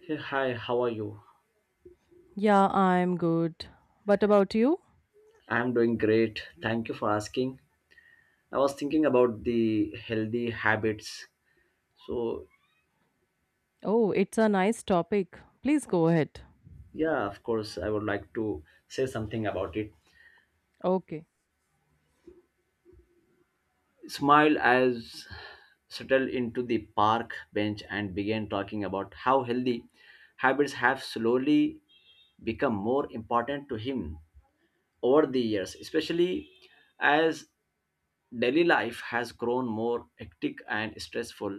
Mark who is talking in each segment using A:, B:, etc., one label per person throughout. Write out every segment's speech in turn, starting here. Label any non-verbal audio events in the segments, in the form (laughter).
A: Hey, hi, how are you?
B: Yeah, I'm good. What about you?
A: I'm doing great. Thank you for asking. I was thinking about the healthy habits. So,
B: Oh, it's a nice topic. Please go ahead.
A: yeah, of course, I would like to say something about it.
B: Okay.
A: Smile as settled into the park bench and began talking about how healthy habits have slowly become more important to him over the years, especially as daily life has grown more hectic and stressful.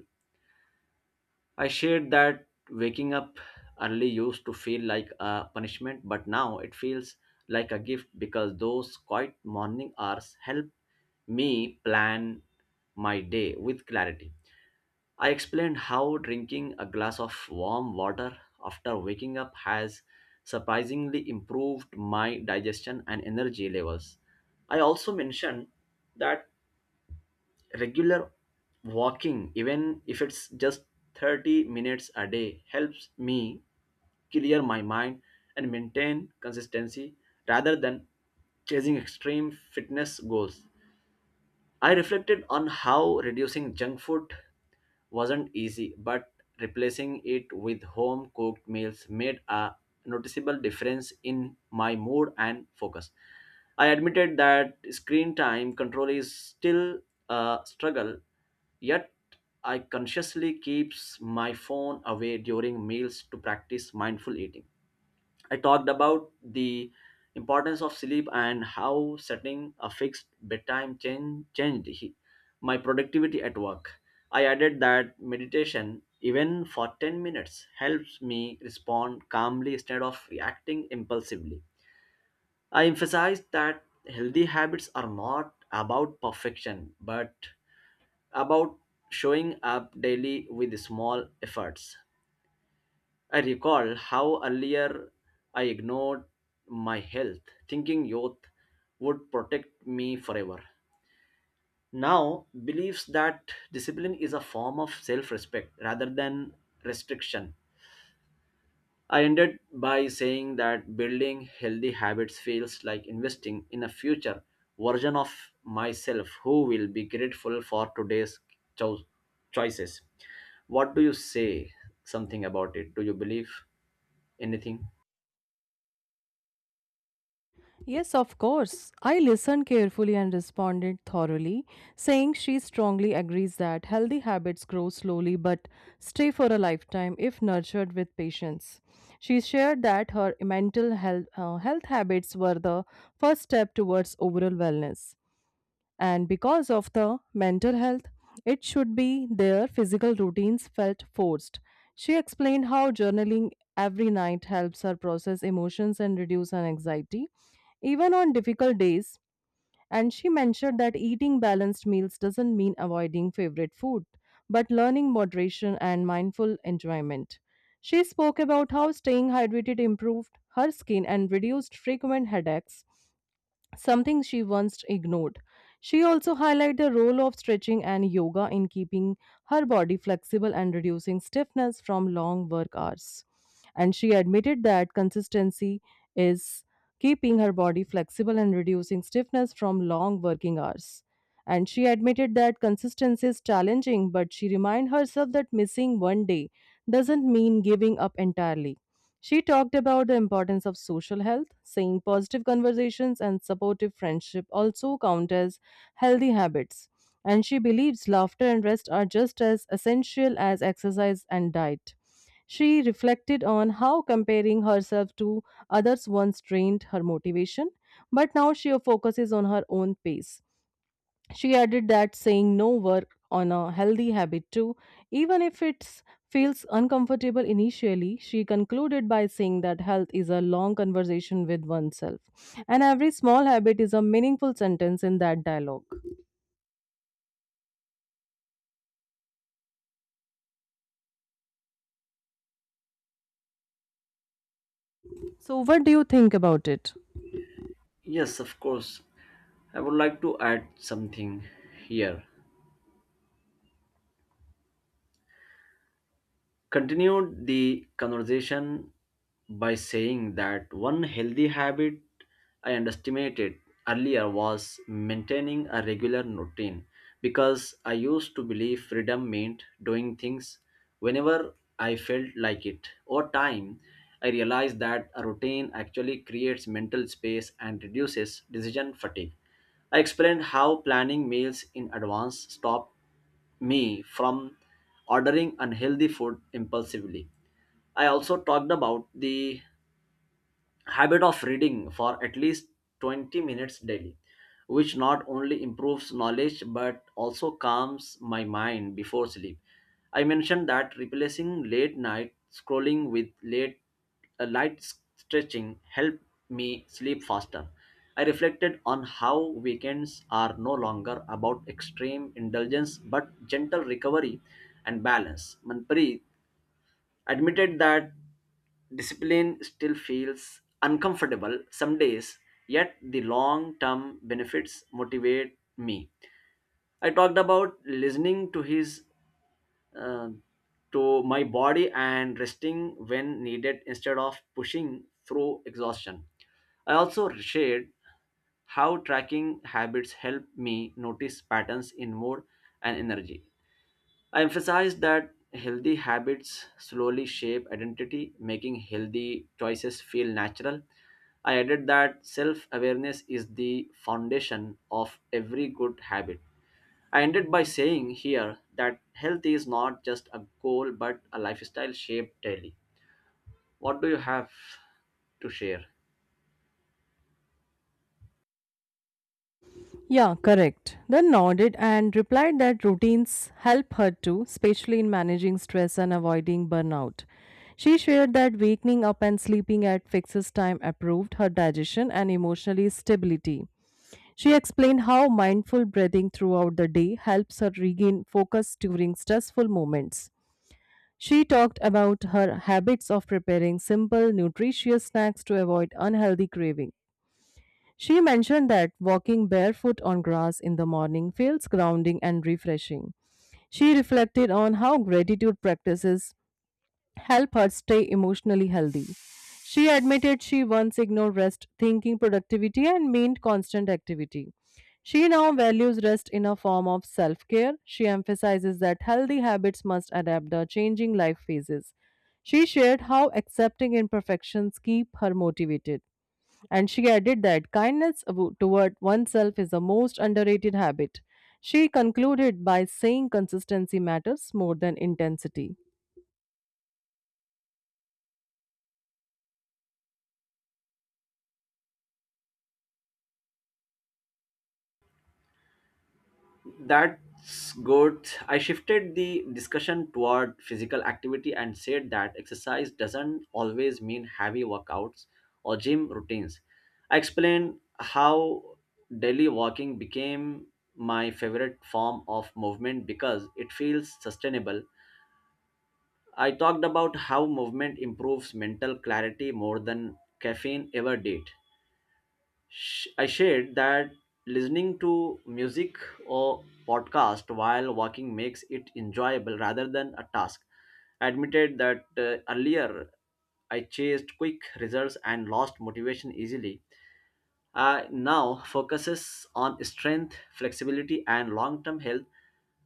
A: I shared that waking up early used to feel like a punishment, but now it feels like a gift because those quiet morning hours help me plan my day with clarity. I explained how drinking a glass of warm water after waking up has surprisingly improved my digestion and energy levels. I also mentioned that regular walking, even if it's just 30 minutes a day, helps me clear my mind and maintain consistency rather than chasing extreme fitness goals. I reflected on how reducing junk food wasn't easy, but replacing it with home cooked meals made a noticeable difference in my mood and focus. I admitted that screen time control is still a struggle, yet I consciously keeps my phone away during meals to practice mindful eating. I talked about the importance of sleep and how setting a fixed bedtime changed my productivity at work. I added that meditation, even for 10 minutes, helps me respond calmly instead of reacting impulsively. I emphasized that healthy habits are not about perfection, but about showing up daily with small efforts. I recall how earlier I ignored my health, thinking youth would protect me forever. Now, believes that discipline is a form of self respect rather than restriction. I ended by saying that building healthy habits feels like investing in a future version of myself who will be grateful for today's cho- choices. What do you say something about it? Do you believe anything?
B: Yes, of course. I listened carefully and responded thoroughly, saying she strongly agrees that healthy habits grow slowly but stay for a lifetime if nurtured with patience. She shared that her health habits were the first step towards overall wellness. And because of the mental health it should be their physical routines felt forced. She explained how journaling every night helps her process emotions and reduce her anxiety even on difficult days. And she mentioned that eating balanced meals doesn't mean avoiding favorite food but learning moderation and mindful enjoyment. She spoke about how staying hydrated improved her skin and reduced frequent headaches, something she once ignored. She also highlighted the role of stretching and yoga in keeping her body flexible and reducing stiffness from long work hours. And she admitted that consistency is keeping her body flexible and reducing stiffness from long working hours. And she admitted that consistency is challenging, but she reminded herself that missing one day doesn't mean giving up entirely. She talked about the importance of social health, saying positive conversations and supportive friendship also count as healthy habits. And she believes laughter and rest are just as essential as exercise and diet. She reflected on how comparing herself to others once drained her motivation, but now she focuses on her own pace. She added that saying no work on a healthy habit too, even if it feels uncomfortable initially. She concluded by saying that health is a long conversation with oneself, and every small habit is a meaningful sentence in that dialogue. So, what do you think about it?
A: Yes, of course. I would like to add something here. Continued the conversation by saying that one healthy habit I underestimated earlier was maintaining a regular routine because I used to believe freedom meant doing things whenever I felt like it. Over time, I realized that a routine actually creates mental space and reduces decision fatigue. I explained how planning meals in advance stopped me from ordering unhealthy food impulsively. I also talked about the habit of reading for at least 20 minutes daily, which not only improves knowledge but also calms my mind before sleep. I mentioned that replacing late night scrolling with late a light s- stretching helped me sleep faster. I reflected on how weekends are no longer about extreme indulgence but gentle recovery and balance. Manpreet admitted that discipline still feels uncomfortable some days, yet the long term benefits motivate me. I talked about listening to his uh, to my body and resting when needed instead of pushing through exhaustion. I also shared how tracking habits help me notice patterns in mood and energy. I emphasize that healthy habits slowly shape identity, making healthy choices feel natural. I added that self awareness is the foundation of every good habit. I ended by saying here that health is not just a goal but a lifestyle shaped daily. What do you have to share?
B: Yeah, correct. Then nodded and replied that routines help her too, especially in managing stress and avoiding burnout. She shared that waking up and sleeping at fixed time improved her digestion and emotional stability. She explained how mindful breathing throughout the day helps her regain focus during stressful moments. She talked about her habits of preparing simple, nutritious snacks to avoid unhealthy cravings. She mentioned that walking barefoot on grass in the morning feels grounding and refreshing. She reflected on how gratitude practices help her stay emotionally healthy. She admitted she once ignored rest, thinking productivity and meant constant activity. She now values rest in a form of self care. She emphasizes that healthy habits must adapt to changing life phases. She shared how accepting imperfections keep her motivated. And she added that kindness toward oneself is the most underrated habit. She concluded by saying consistency matters more than intensity.
A: That's good. I shifted the discussion toward physical activity and said that exercise doesn't always mean heavy workouts or gym routines. I explained how daily walking became my favorite form of movement because it feels sustainable. I talked about how movement improves mental clarity more than caffeine ever did. I shared that listening to music or podcast while walking makes it enjoyable rather than a task. I admitted that earlier I chased quick results and lost motivation easily. I now focuses on strength, flexibility, and long-term health.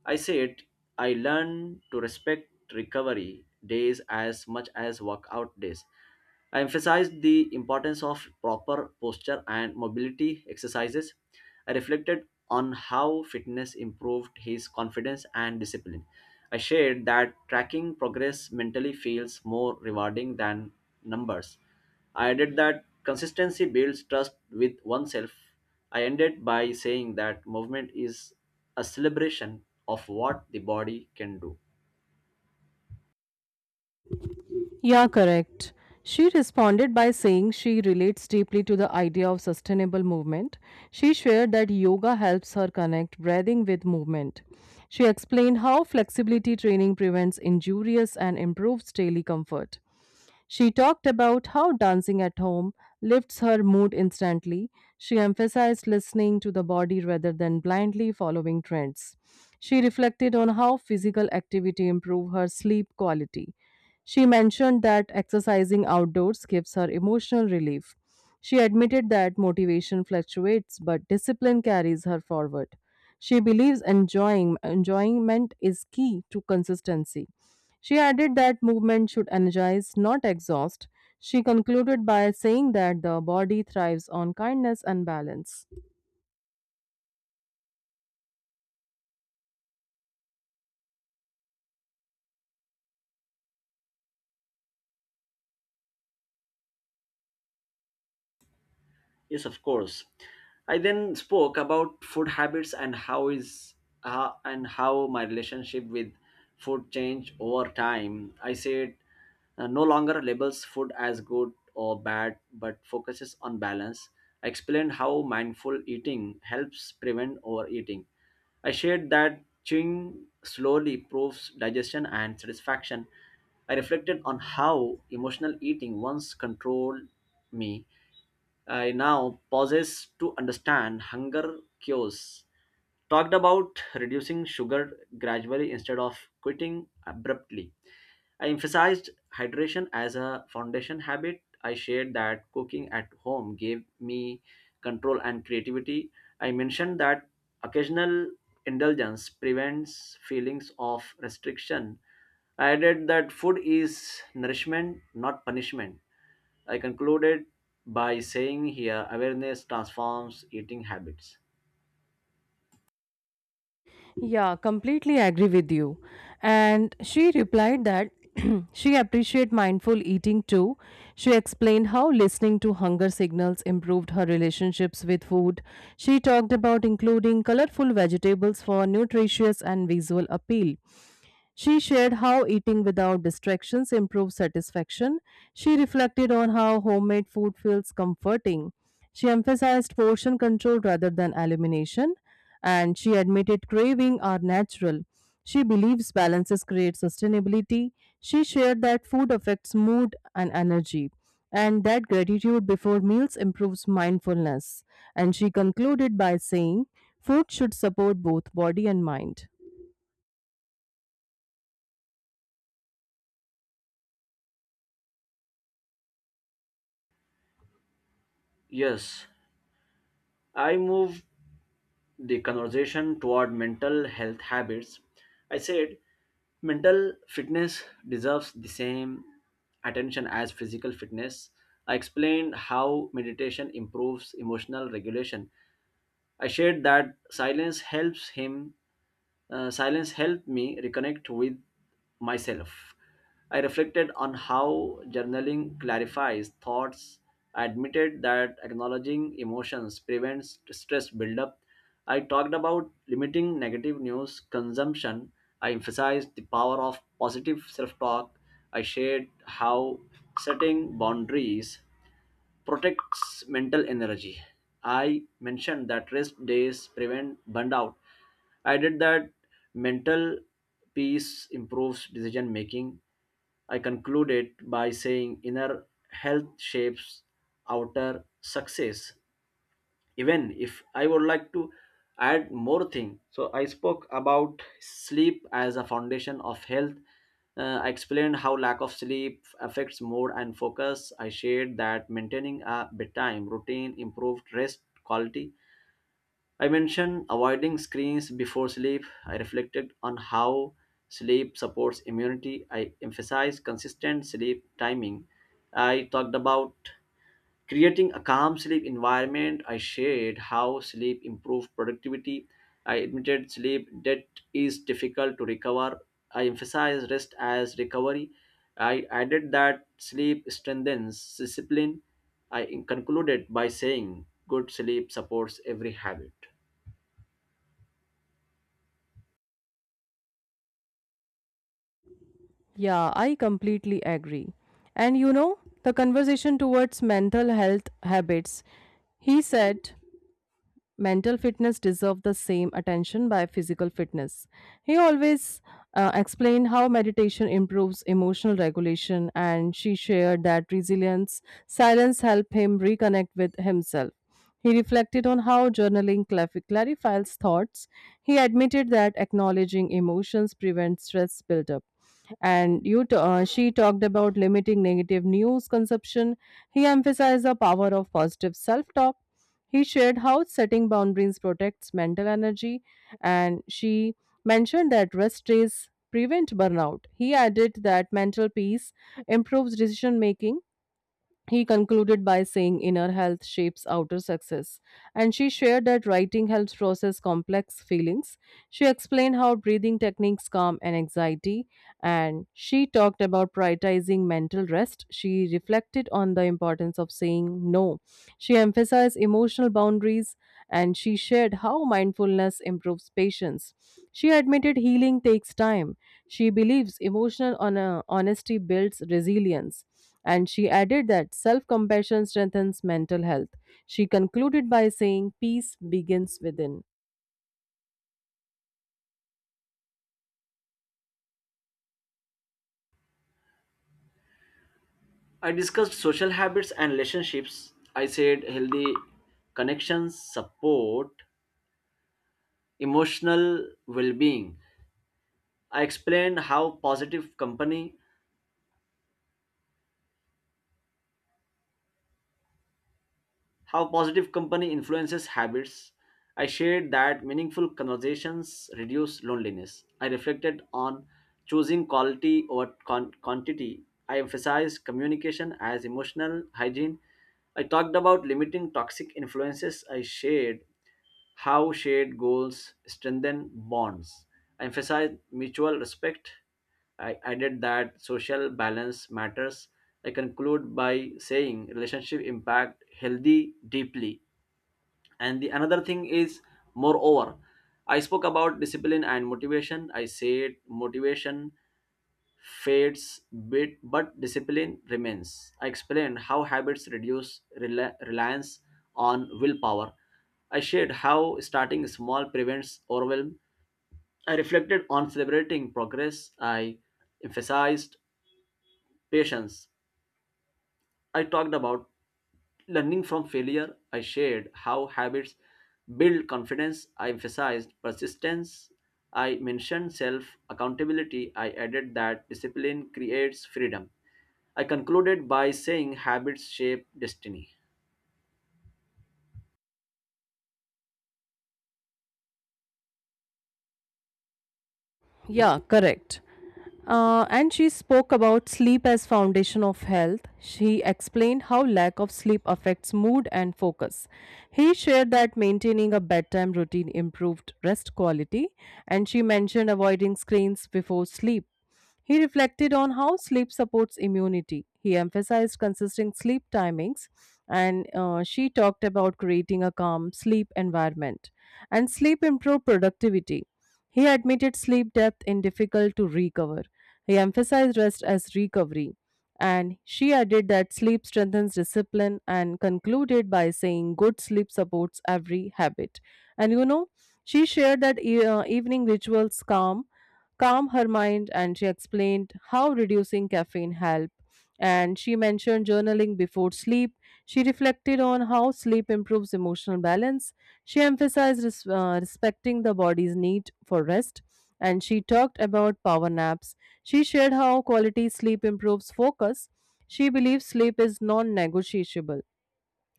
A: I said I learned to respect recovery days as much as workout days. I emphasized the importance of proper posture and mobility exercises. I reflected on how fitness improved his confidence and discipline. I shared that tracking progress mentally feels more rewarding than numbers. I added that consistency builds trust with oneself. I ended by saying that movement is a celebration of what the body can do.
B: Yeah, correct. She responded by saying she relates deeply to the idea of sustainable movement. She shared that yoga helps her connect breathing with movement. She explained how flexibility training prevents injuries and improves daily comfort. She talked about how dancing at home lifts her mood instantly. She emphasized listening to the body rather than blindly following trends. She reflected on how physical activity improves her sleep quality. She mentioned that exercising outdoors gives her emotional relief. She admitted that motivation fluctuates, but discipline carries her forward. She believes enjoying enjoyment is key to consistency. She added that movement should energize, not exhaust. She concluded by saying that the body thrives on kindness and balance.
A: Yes, of course. I then spoke about food habits and how is and how my relationship with food changed over time. I said no longer labels food as good or bad, but focuses on balance. I explained how mindful eating helps prevent overeating. I shared that chewing slowly proves digestion and satisfaction. I reflected on how emotional eating once controlled me. I now pauses to understand hunger cures. Talked about reducing sugar gradually instead of quitting abruptly. I emphasized hydration as a foundation habit. I shared that cooking at home gave me control and creativity. I mentioned that occasional indulgence prevents feelings of restriction. I added that food is nourishment, not punishment. I concluded by saying here awareness transforms eating habits.
B: Yeah, completely agree with you. And she replied that (clears throat) she appreciated mindful eating too. She explained how listening to hunger signals improved her relationships with food. She talked about including colorful vegetables for nutritious and visual appeal. She shared how eating without distractions improves satisfaction. She reflected on how homemade food feels comforting. She emphasized portion control rather than elimination, and she admitted craving are natural. She believes balances create sustainability. She shared that food affects mood and energy, and that gratitude before meals improves mindfulness. And she concluded by saying, "Food should support both body and mind."
A: Yes, I moved the conversation toward mental health habits. I said mental fitness deserves the same attention as physical fitness. I explained how meditation improves emotional regulation. I shared that silence helps him silence helped me reconnect with myself. I reflected on how journaling clarifies thoughts. I admitted that acknowledging emotions prevents stress buildup. I talked about limiting negative news consumption. I emphasized the power of positive self talk. I shared how setting boundaries protects mental energy. I mentioned that rest days prevent burnout. I did that mental peace improves decision making. I concluded by saying inner health shapes outer success, even if I would like to add more thing. So I spoke about sleep as a foundation of health. I explained how lack of sleep affects mood and focus. I shared that maintaining a bedtime routine improved rest quality. I mentioned avoiding screens before sleep. I reflected on how sleep supports immunity. I emphasized consistent sleep timing. I talked about creating a calm sleep environment. I shared how sleep improved productivity. I admitted sleep that is difficult to recover. I emphasized rest as recovery. I added that sleep strengthens discipline. I concluded by saying good sleep supports every habit.
B: Yeah, I completely agree. The conversation towards mental health habits, he said, mental fitness deserve the same attention by physical fitness. He always explained how meditation improves emotional regulation. And she shared that resilience silence help him reconnect with himself. He reflected on how journaling clarifies thoughts. He admitted that acknowledging emotions prevents stress buildup. She talked about limiting negative news consumption. He emphasized the power of positive self-talk. He shared how setting boundaries protects mental energy, and she mentioned that rest days prevent burnout. He added that mental peace improves decision making. He concluded by saying inner health shapes outer success. And she shared that writing helps process complex feelings. She explained how breathing techniques calm and anxiety. And she talked about prioritizing mental rest. She reflected on the importance of saying no. She emphasized emotional boundaries, and she shared how mindfulness improves patience. She admitted healing takes time. She believes emotional honesty builds resilience. And she added that self compassion strengthens mental health. She concluded by saying, "Peace begins within."
A: I discussed social habits and relationships. I said healthy connections support emotional well being. I explained how positive company influences habits. I shared that meaningful conversations reduce loneliness. I reflected on choosing quality over quantity. I emphasized communication as emotional hygiene. I talked about limiting toxic influences. I shared how shared goals strengthen bonds, emphasize mutual respect. I added that social balance matters. I conclude by saying relationship impact healthy deeply. And the another thing is moreover, I spoke about discipline and motivation. I said motivation fades bit but discipline remains. I explained how habits reduce reliance on willpower. I shared how starting small prevents overwhelm. I reflected on celebrating progress. I emphasized patience. I talked about learning from failure. I shared how habits build confidence. I emphasized persistence. I mentioned self accountability. I added that discipline creates freedom. I concluded by saying habits shape destiny.
B: Yeah, correct. And she spoke about sleep as foundation of health. She explained how lack of sleep affects mood and focus. He shared that maintaining a bedtime routine improved rest quality, and she mentioned avoiding screens before sleep. He reflected on how sleep supports immunity. He emphasized consistent sleep timings, and she talked about creating a calm sleep environment. And sleep improved productivity. He admitted sleep depth in difficult to recover. He emphasized rest as recovery. And she added that sleep strengthens discipline and concluded by saying good sleep supports every habit. And you know, she shared that evening rituals calm her mind, and she explained how reducing caffeine helped, and she mentioned journaling before sleep. She reflected on how sleep improves emotional balance. She emphasized respecting the body's need for rest. And she talked about power naps. She shared how quality sleep improves focus. She believes sleep is non negotiable.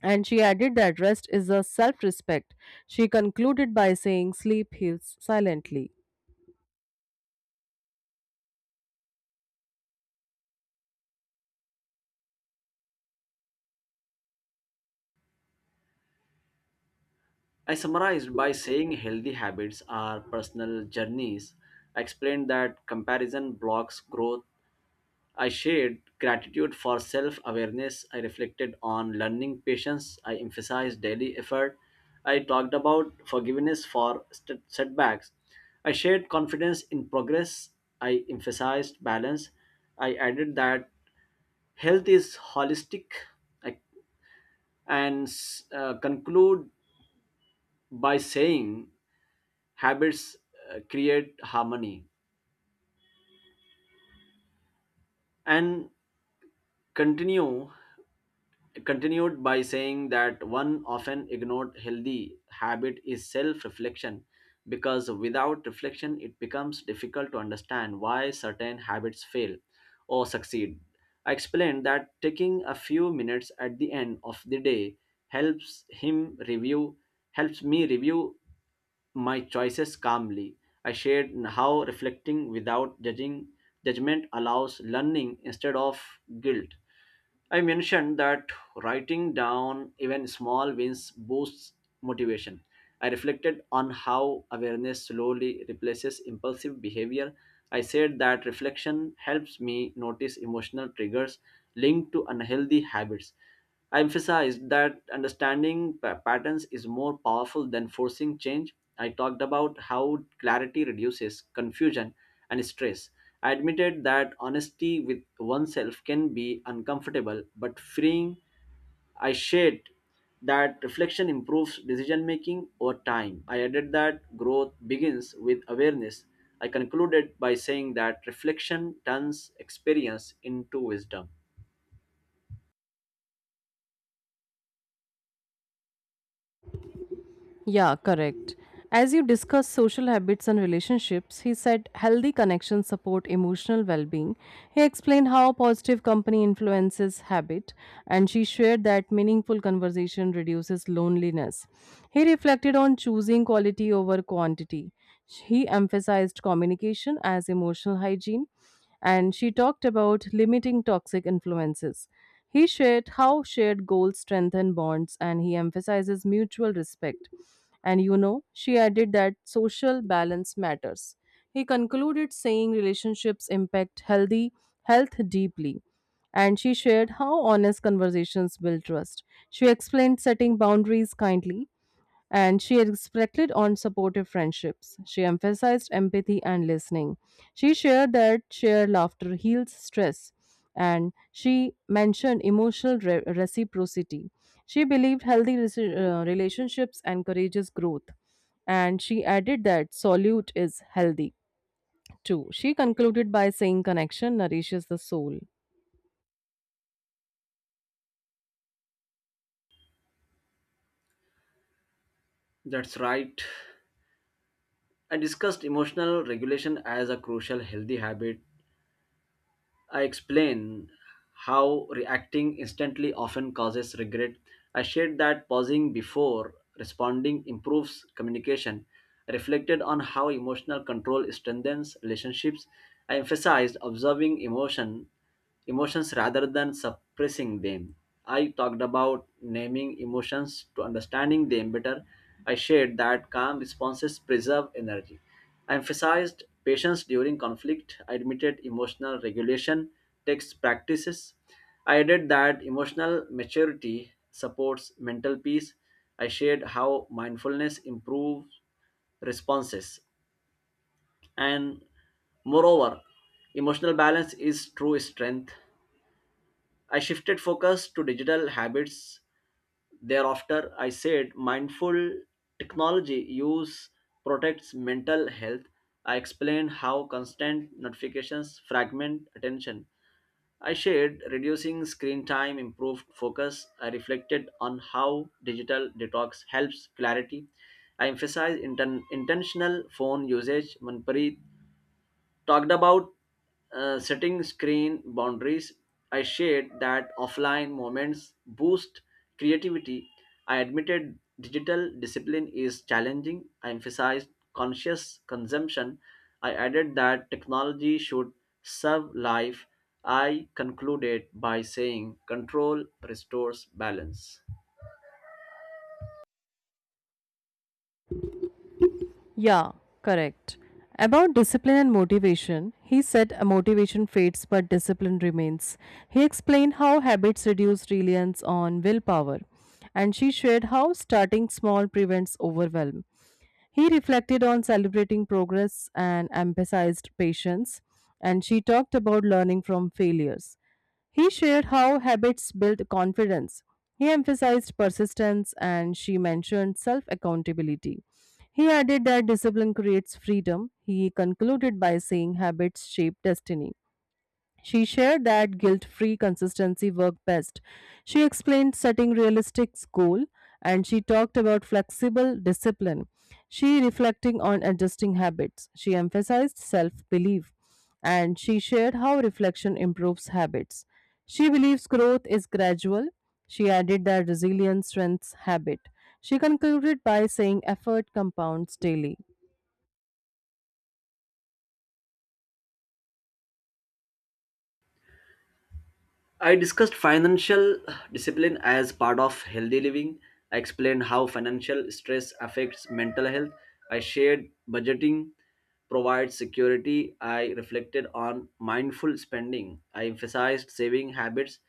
B: And she added that rest is a self respect. She concluded by saying sleep heals silently.
A: I summarized by saying healthy habits are personal journeys. I explained that comparison blocks growth. I shared gratitude for self awareness. I reflected on learning patience. I emphasized daily effort. I talked about forgiveness for setbacks. I shared confidence in progress. I emphasized balance. I added that health is holistic. I and conclude by saying habits create harmony and continue continued by saying that one often ignored healthy habit is self reflection because without reflection it becomes difficult to understand why certain habits fail or succeed. I explained that taking a few minutes at the end of the day helps him review helps me review my choices calmly. I shared how reflecting without judging judgment allows learning instead of guilt. I mentioned that writing down even small wins boosts motivation. I reflected on how awareness slowly replaces impulsive behavior. I said that reflection helps me notice emotional triggers linked to unhealthy habits. I emphasized that understanding patterns is more powerful than forcing change. I talked about how clarity reduces confusion and stress. I admitted that honesty with oneself can be uncomfortable but freeing. I shared that reflection improves decision making over time. I added that growth begins with awareness. I concluded by saying that reflection turns experience into wisdom.
B: Yeah, correct. As you discuss social habits and relationships, he said healthy connections support emotional well being. He explained how positive company influences habit, and she shared that meaningful conversation reduces loneliness. He reflected on choosing quality over quantity. He emphasized communication as emotional hygiene, and she talked about limiting toxic influences. He shared how shared goals strengthen bonds, and he emphasizes mutual respect. She added that social balance matters. He concluded saying relationships impact healthy health deeply, and she shared how honest conversations build trust. She explained setting boundaries kindly, and she reflected on supportive friendships. She emphasized empathy and listening. She shared that shared laughter heals stress, and she mentioned emotional reciprocity. She believed healthy relationships encourages growth, and she added that solitude is healthy too. She concluded by saying connection nourishes the soul.
A: That's right. I discussed emotional regulation as a crucial healthy habit. I explain how reacting instantly often causes regret. I shared that pausing before responding improves communication. I reflected on how emotional control strengthens relationships. I emphasized observing emotions rather than suppressing them. I talked about naming emotions to understanding them better. I shared that calm responses preserve energy. I emphasized patience during conflict. I admitted emotional regulation takes practices. I added that emotional maturity supports mental peace. I shared how mindfulness improves responses. And moreover, emotional balance is true strength. I shifted focus to digital habits. Thereafter, I said mindful technology use protects mental health. I explained how constant notifications fragment attention. I shared reducing screen time improved focus. I reflected on how digital detox helps clarity. I emphasized intentional phone usage. Manpreet talked about setting screen boundaries. I shared that offline moments boost creativity. I admitted digital discipline is challenging. I emphasized conscious consumption. I added that technology should serve life. I concluded by saying control restores balance.
B: Yeah, correct. About discipline and motivation, he said, "A motivation fades but discipline remains." He explained how habits reduce reliance on willpower, and she shared how starting small prevents overwhelm. He reflected on celebrating progress and emphasized patience, and she talked about learning from failures. He shared how habits build confidence. He emphasized persistence, and she mentioned self accountability. He added that discipline creates freedom. He concluded by saying habits shape destiny. She shared that guilt free consistency worked best. She explained setting realistic goal, and she talked about flexible discipline. She reflecting on adjusting habits. She emphasized self belief, and she shared how reflection improves habits. She believes growth is gradual. She added that resilience strengthens habit. She concluded by saying effort compounds daily.
A: I discussed financial discipline as part of healthy living. I explained how financial stress affects mental health. I shared budgeting provides security. I reflected on mindful spending. I emphasized saving habits.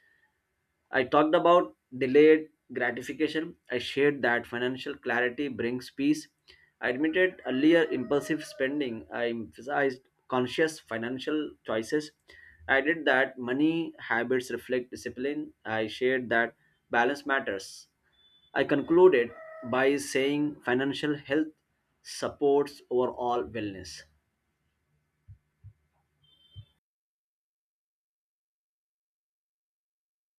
A: I talked about delayed gratification. I shared that financial clarity brings peace. I admitted earlier impulsive spending. I emphasized conscious financial choices. I did that money habits reflect discipline. I shared that balance matters. I concluded by saying financial health supports overall wellness.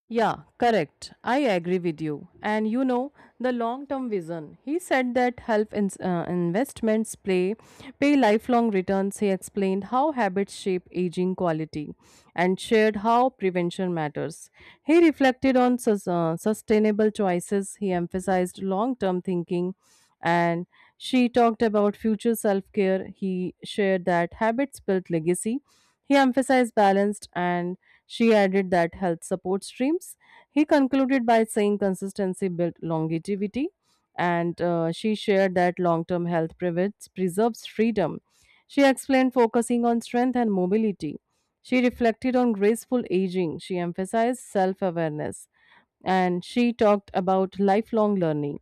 B: Yeah, correct. I agree with you. The long term vision. He said that health investments pay lifelong returns. He explained how habits shape aging quality and shared how prevention matters. He reflected on sustainable choices. He emphasized long term thinking, and she talked about future self-care. He shared that habits built legacy. He emphasized balanced, and she added that health support streams. He concluded by saying consistency built longevity. And she shared that long-term health prevents preserves freedom. She explained focusing on strength and mobility. She reflected on graceful aging. She emphasized self-awareness, and she talked about lifelong learning.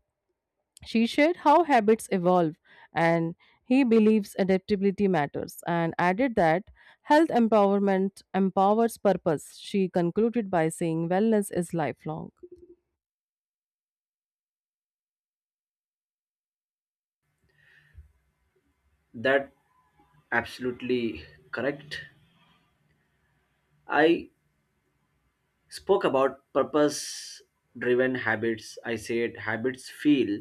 B: She shared how habits evolve, and he believes adaptability matters and added that health empowerment empowers purpose. She concluded by saying wellness is lifelong.
A: That absolutely correct. I spoke about purpose driven habits. I said habits feel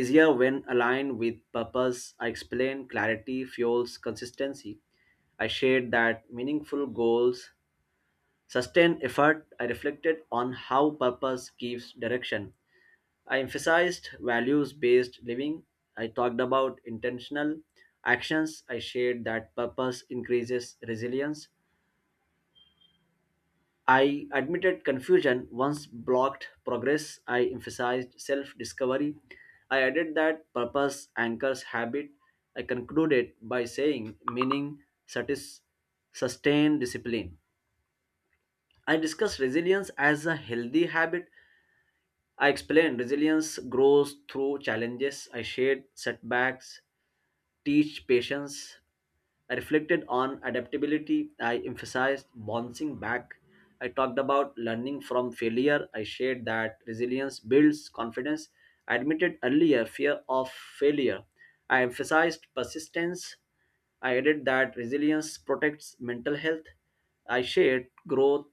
A: easier when aligned with purpose. I explained clarity fuels consistency. I shared that meaningful goals sustain effort. I reflected on how purpose gives direction. I emphasized values based living. I talked about intentional actions. I shared that purpose increases resilience. I admitted confusion once blocked progress. I emphasized self discovery. I added that purpose anchors habit. I concluded by saying meaning satis- sustain discipline. I discussed resilience as a healthy habit. I explained resilience grows through challenges. I shared setbacks, teach patience. I reflected on adaptability. I emphasized bouncing back. I talked about learning from failure. I shared that resilience builds confidence. I admitted earlier fear of failure. I emphasized persistence. I added that resilience protects mental health. I shared growth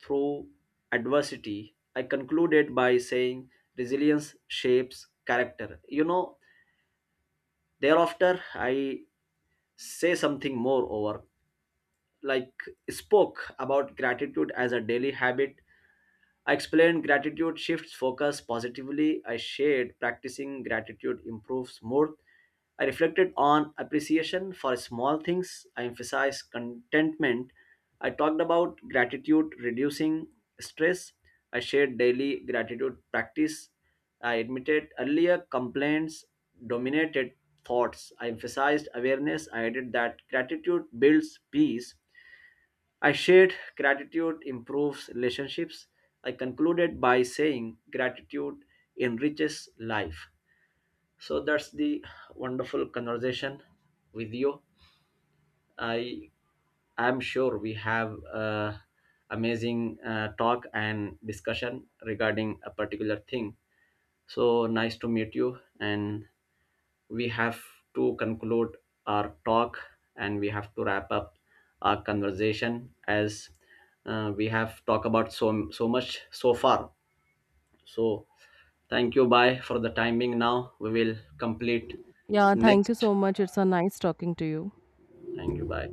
A: through adversity. I concluded by saying resilience shapes character. You know, thereafter I say something more over, like spoke about gratitude as a daily habit. I explained gratitude shifts focus positively. I shared practicing gratitude improves mood. I reflected on appreciation for small things. I emphasized contentment. I talked about gratitude reducing stress. I shared daily gratitude practice. I admitted earlier complaints dominated thoughts. I emphasized awareness. I added that gratitude builds peace. I shared gratitude improves relationships. I concluded by saying gratitude enriches life. So that's the wonderful conversation with you. I am sure we have amazing talk and discussion regarding a particular thing. So nice to meet you, and we have to conclude our talk, and we have to wrap up our conversation as we have talked about so much so far. So thank you, bye for the timing. Now we will complete
B: Yeah, thank you
A: next.
B: so much. It's a nice talking to you.
A: Thank you, bye.